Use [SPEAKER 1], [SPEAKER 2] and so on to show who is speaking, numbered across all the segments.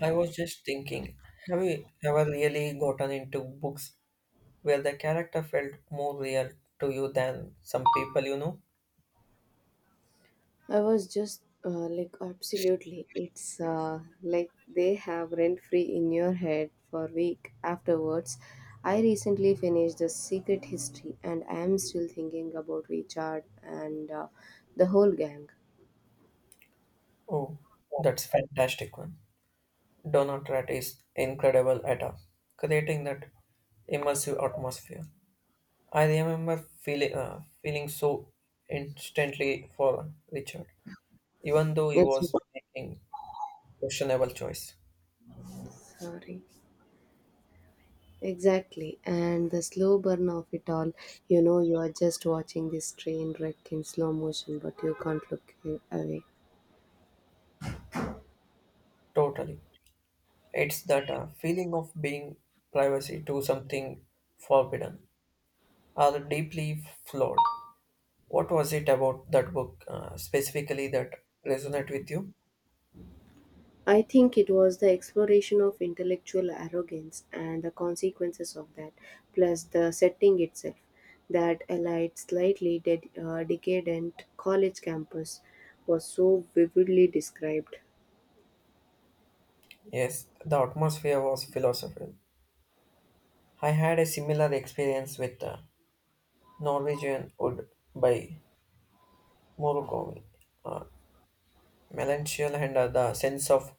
[SPEAKER 1] I was just thinking, have you ever really gotten into books where the character felt more real to you than some people you know?
[SPEAKER 2] I was just like, absolutely. It's like they have rent free in your head for week afterwards. I recently finished The Secret History and I am still thinking about Richard and the whole gang.
[SPEAKER 1] Oh, that's fantastic one. Donald Rat is incredible at creating that immersive atmosphere. I remember feeling so instantly for Richard, even though he
[SPEAKER 2] It's like,
[SPEAKER 1] was making questionable choice.
[SPEAKER 2] sorry. Exactly. And the slow burn of it all, you know, you are just watching this train wreck in slow motion, but you can't look away.
[SPEAKER 1] Totally, it's that feeling of being privacy to something forbidden are deeply flawed. What was it about that book specifically that resonated with you?
[SPEAKER 2] I think it was the exploration of intellectual arrogance and the consequences of that, plus the setting itself, that allied slightly decadent college campus was so vividly described.
[SPEAKER 1] Yes, the atmosphere was philosophical. I had a similar experience with Norwegian Wood by Murakami. Uh, Melancholy and the sense of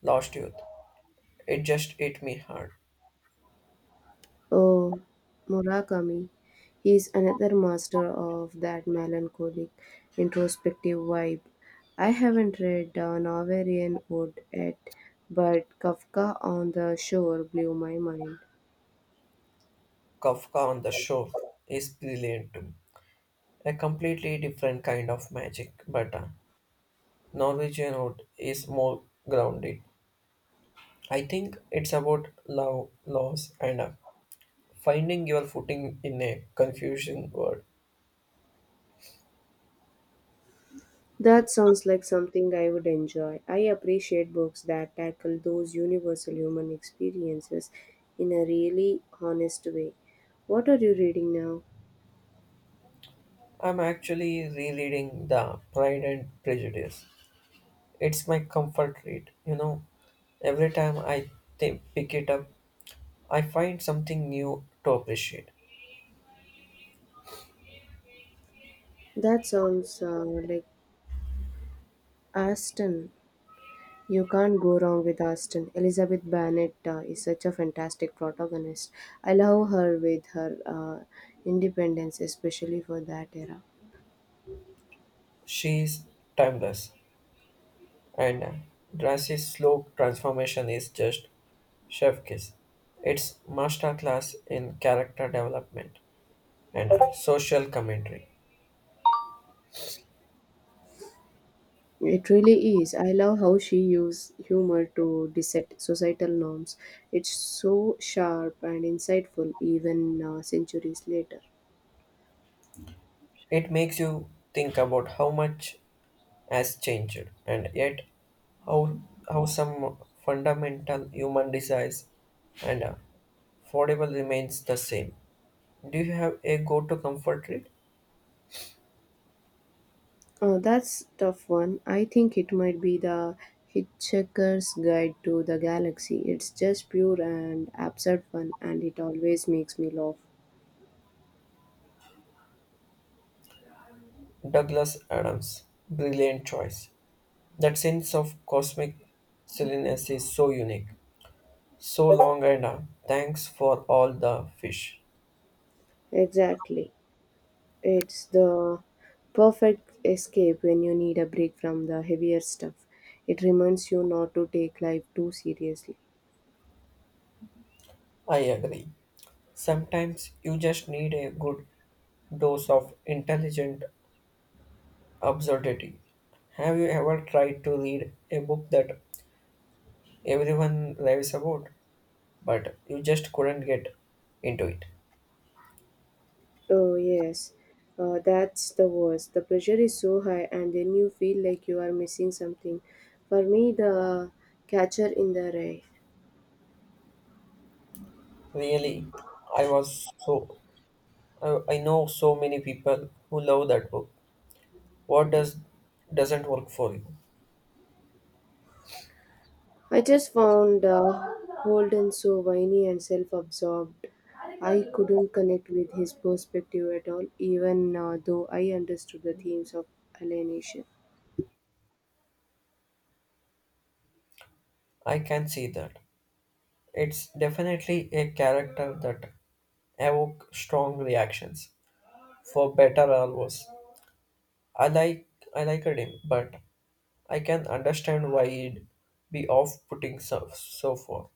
[SPEAKER 1] lost youth. It just hit me hard.
[SPEAKER 2] Oh, Murakami, he's another master of that melancholic, introspective vibe. I haven't read Norwegian Wood yet, but Kafka on the Shore blew my mind.
[SPEAKER 1] Kafka on the Shore is brilliant too. A completely different kind of magic, but Norwegian Wood is more grounded. I think it's about love, loss, and finding your footing in a confusing world.
[SPEAKER 2] That sounds like something I would enjoy. I appreciate books that tackle those universal human experiences in a really honest way. What are you reading now?
[SPEAKER 1] I'm actually rereading The Pride and Prejudice. It's my comfort read. You know, every time I pick it up, I find something new to appreciate.
[SPEAKER 2] That sounds like Aston. You can't go wrong with Aston. Elizabeth Bennet is such a fantastic protagonist. I love her with her independence, especially for that era.
[SPEAKER 1] She's timeless, and Darcy's slow transformation is just chef kiss. It's masterclass in character development and social commentary.
[SPEAKER 2] It really is. I love how she used humor to dissect societal norms. It's so sharp and insightful, even centuries later.
[SPEAKER 1] It makes you think about how much has changed and yet how, how some fundamental human desires and affordable remains the same. Do you have a go-to comfort read?
[SPEAKER 2] That's tough one. I think it might be the Hitchhiker's Guide to the Galaxy. It's just pure and absurd fun, and it always makes me laugh.
[SPEAKER 1] Douglas Adams. Brilliant choice. That sense of cosmic silliness is so unique. So long and thanks for all the fish.
[SPEAKER 2] Exactly. It's the perfect escape when you need a break from the heavier stuff. It reminds you not to take life too seriously.
[SPEAKER 1] I agree. Sometimes you just need a good dose of intelligent absurdity. Have you ever tried to read a book that everyone raves about, but you just couldn't get into it?
[SPEAKER 2] Oh, yes, that's the worst. The pressure is so high, and then you feel like you are missing something. For me, the catcher in the rye.
[SPEAKER 1] Really, I was so I know so many people who love that book. What doesn't work for you?
[SPEAKER 2] I just found Holden so whiny and self absorbed. I couldn't connect with his perspective at all, even though I understood the themes of alienation.
[SPEAKER 1] I can see that. It's definitely a character that evoke strong reactions, for better or worse. I like I liked him, but I can understand why it'd be off-putting so far.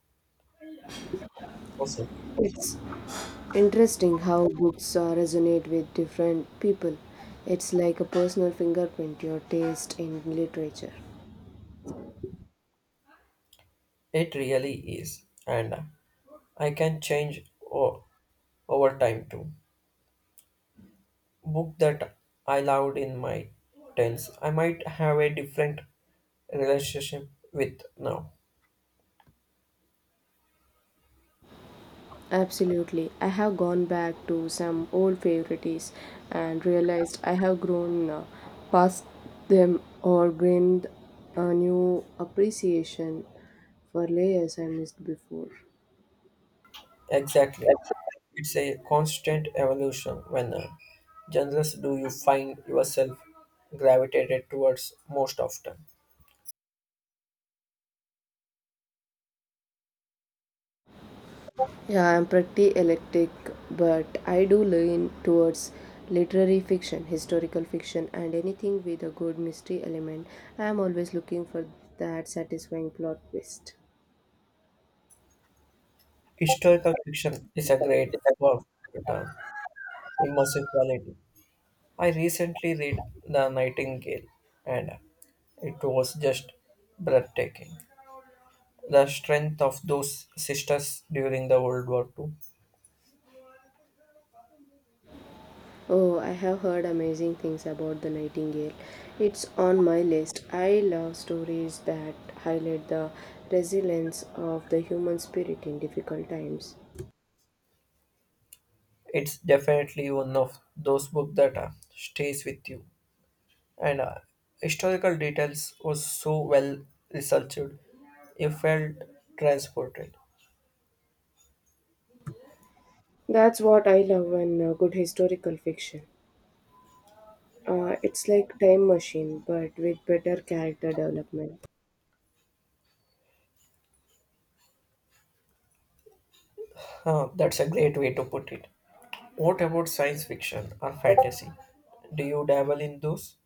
[SPEAKER 1] Awesome.
[SPEAKER 2] It's interesting how books resonate with different people. It's like a personal fingerprint, your taste in literature.
[SPEAKER 1] It really is, and I can over time too. Book that I loved in my tens, I might have a different relationship with now.
[SPEAKER 2] Absolutely. I have gone back to some old favorites and realized I have grown past them or gained a new appreciation for layers I missed before.
[SPEAKER 1] Exactly. It's a constant evolution when genres do you find yourself gravitated towards most often.
[SPEAKER 2] Yeah, I'm pretty eclectic, but I do lean towards literary fiction, historical fiction, and anything with a good mystery element. I'm always looking for that satisfying plot twist.
[SPEAKER 1] Historical fiction is a great work with an immersive quality. I recently read The Nightingale and it was just breathtaking. The strength of those sisters during the World War II.
[SPEAKER 2] Oh, I have heard amazing things about the Nightingale. It's on my list. I love stories that highlight the resilience of the human spirit in difficult times.
[SPEAKER 1] It's definitely one of those books that stays with you. And historical details was so well researched, you felt transported.
[SPEAKER 2] That's what I love in good historical fiction. It's like Time Machine, but with better character development.
[SPEAKER 1] Huh, that's a great way to put it. What about science fiction or fantasy? Do you dabble in those?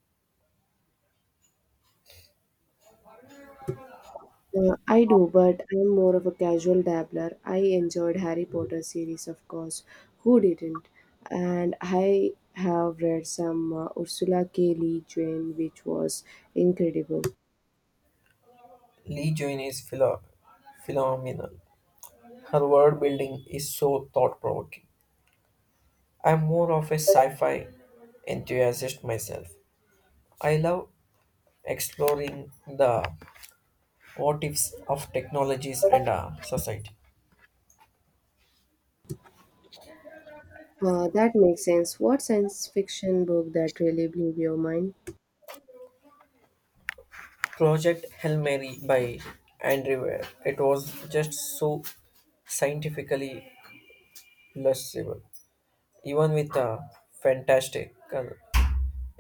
[SPEAKER 2] I do, but I'm more of a casual dabbler. I enjoyed Harry Potter series, of course. Who didn't? And I have read some Ursula K. Le Guin, which was incredible.
[SPEAKER 1] Lee Join is phenomenal. Her world building is so thought provoking. I'm more of a sci fi enthusiast myself. I love exploring the what ifs of technologies and our society.
[SPEAKER 2] That makes sense. What science fiction book that really blew your mind?
[SPEAKER 1] Project Hail Mary by Andrew Ware. It was just so scientifically illustrative, even with fantastical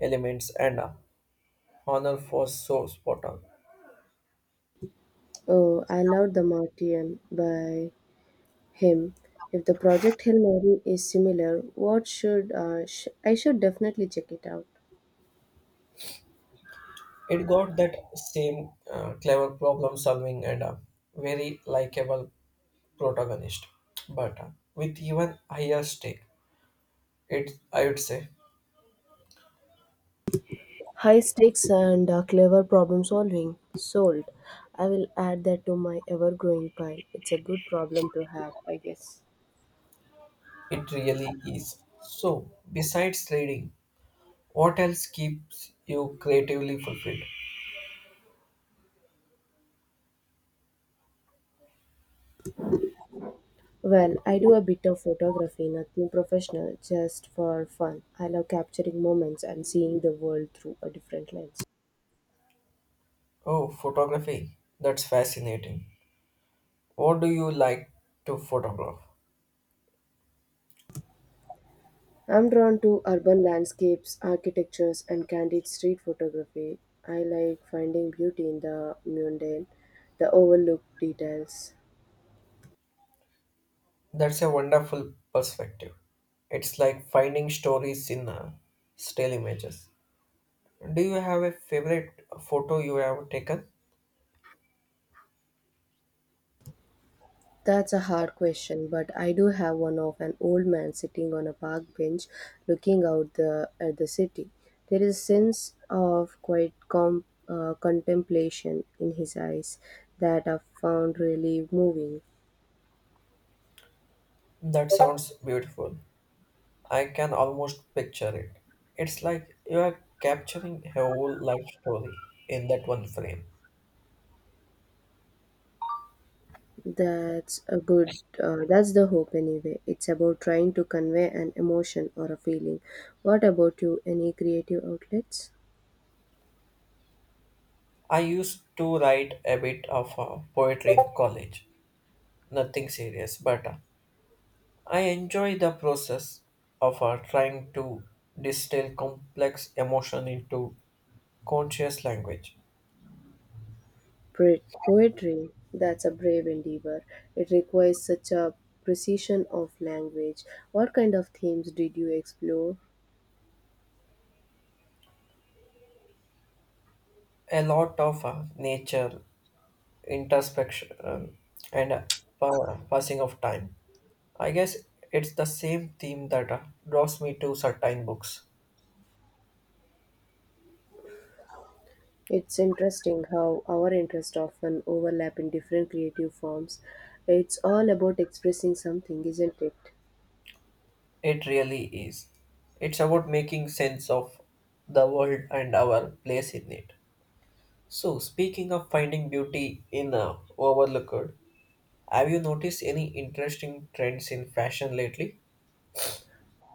[SPEAKER 1] elements and honor for so spot on.
[SPEAKER 2] Oh, I loved The Martian by him. If the Project Hail Mary is similar, what should I should definitely check it out.
[SPEAKER 1] It got that same clever problem solving and a very likable protagonist, but with even higher stake. It I would say
[SPEAKER 2] High stakes and clever problem solving. Sold. I will add that to my ever growing pile. It's a good problem to have, I guess.
[SPEAKER 1] it really is. So besides reading, what else keeps you creatively fulfilled?
[SPEAKER 2] Well, I do a bit of photography, nothing professional, just for fun. I love capturing moments and seeing the world through a different lens.
[SPEAKER 1] Oh, photography. That's fascinating. What do you like to photograph?
[SPEAKER 2] I'm drawn to urban landscapes, architectures, and candid street photography. I like finding beauty in the mundane, the overlooked details.
[SPEAKER 1] That's a wonderful perspective. It's like finding stories in still images. Do you have a favorite photo you have taken?
[SPEAKER 2] That's a hard question, but I do have one of an old man sitting on a park bench looking out at the city. There is a sense of quiet contemplation in his eyes that I found really moving.
[SPEAKER 1] That sounds beautiful. I can almost picture it. It's like you are capturing a whole life story in that one frame.
[SPEAKER 2] That's a good, that's the hope anyway. It's about trying to convey an emotion or a feeling. What about you? Any creative outlets?
[SPEAKER 1] I used to write a bit of poetry in college, nothing serious, but I enjoy the process of trying to distill complex emotion into conscious language.
[SPEAKER 2] Poetry, that's a brave endeavor. It requires such a precision of language. What kind of themes did you explore?
[SPEAKER 1] A lot of nature introspection and passing of time. I guess it's the same theme that draws me to certain books.
[SPEAKER 2] It's interesting how our interests often overlap in different creative forms. It's all about expressing something, isn't it?
[SPEAKER 1] It really is. It's about making sense of the world and our place in it. So, speaking of finding beauty in overlooked, have you noticed any interesting trends in fashion lately?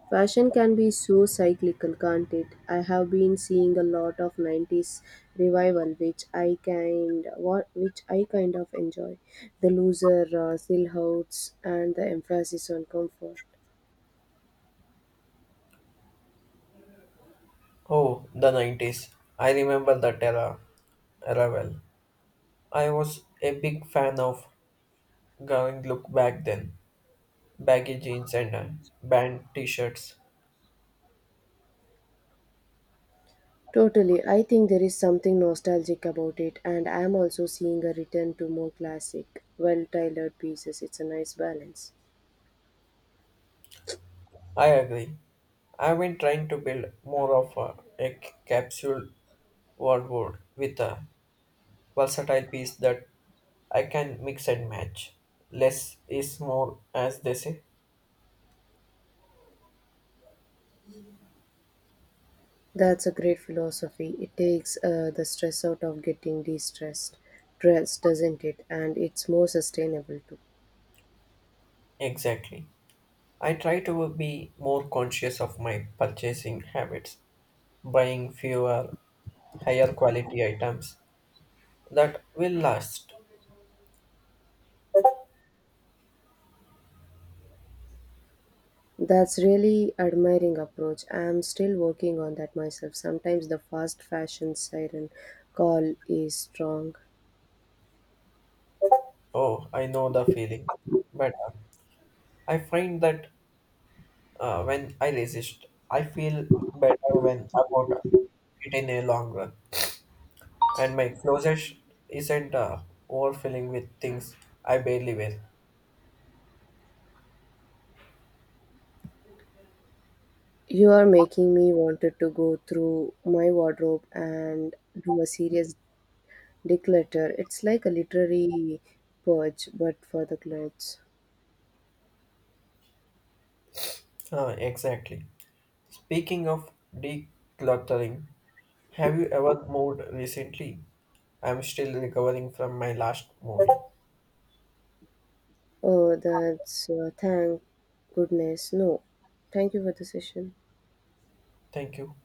[SPEAKER 2] Fashion can be so cyclical, can't it? I have been seeing a lot of 90s revival which I kind of enjoy. The looser silhouettes and the emphasis on comfort.
[SPEAKER 1] Oh, the 90s. I remember that era well. I was a big fan of going look back then. Baggy jeans and band t-shirts.
[SPEAKER 2] Totally. I think there is something nostalgic about it and I am also seeing a return to more classic, well-tailored pieces. It's a nice balance.
[SPEAKER 1] I agree. I've been trying to build more of a capsule wardrobe with a versatile piece that I can mix and match. Less is more, as they say.
[SPEAKER 2] That's a great philosophy. It takes the stress out of getting dressed, doesn't it? And it's more sustainable too.
[SPEAKER 1] Exactly. I try to be more conscious of my purchasing habits, buying fewer, higher quality items that will last.
[SPEAKER 2] That's really admiring approach. I am still working on that myself. Sometimes the fast fashion siren call is strong.
[SPEAKER 1] Oh, I know the feeling. But I find that when I resist, I feel better when about it in a long run. And my closet isn't overfilling with things I barely wear.
[SPEAKER 2] You are making me wanted to go through my wardrobe and do a serious declutter. It's like a literary purge, but for the clothes.
[SPEAKER 1] Exactly. Speaking of decluttering, have you ever moved recently? I'm still recovering from my last move.
[SPEAKER 2] Oh, that's thank goodness. No, thank you for the session.
[SPEAKER 1] Thank you.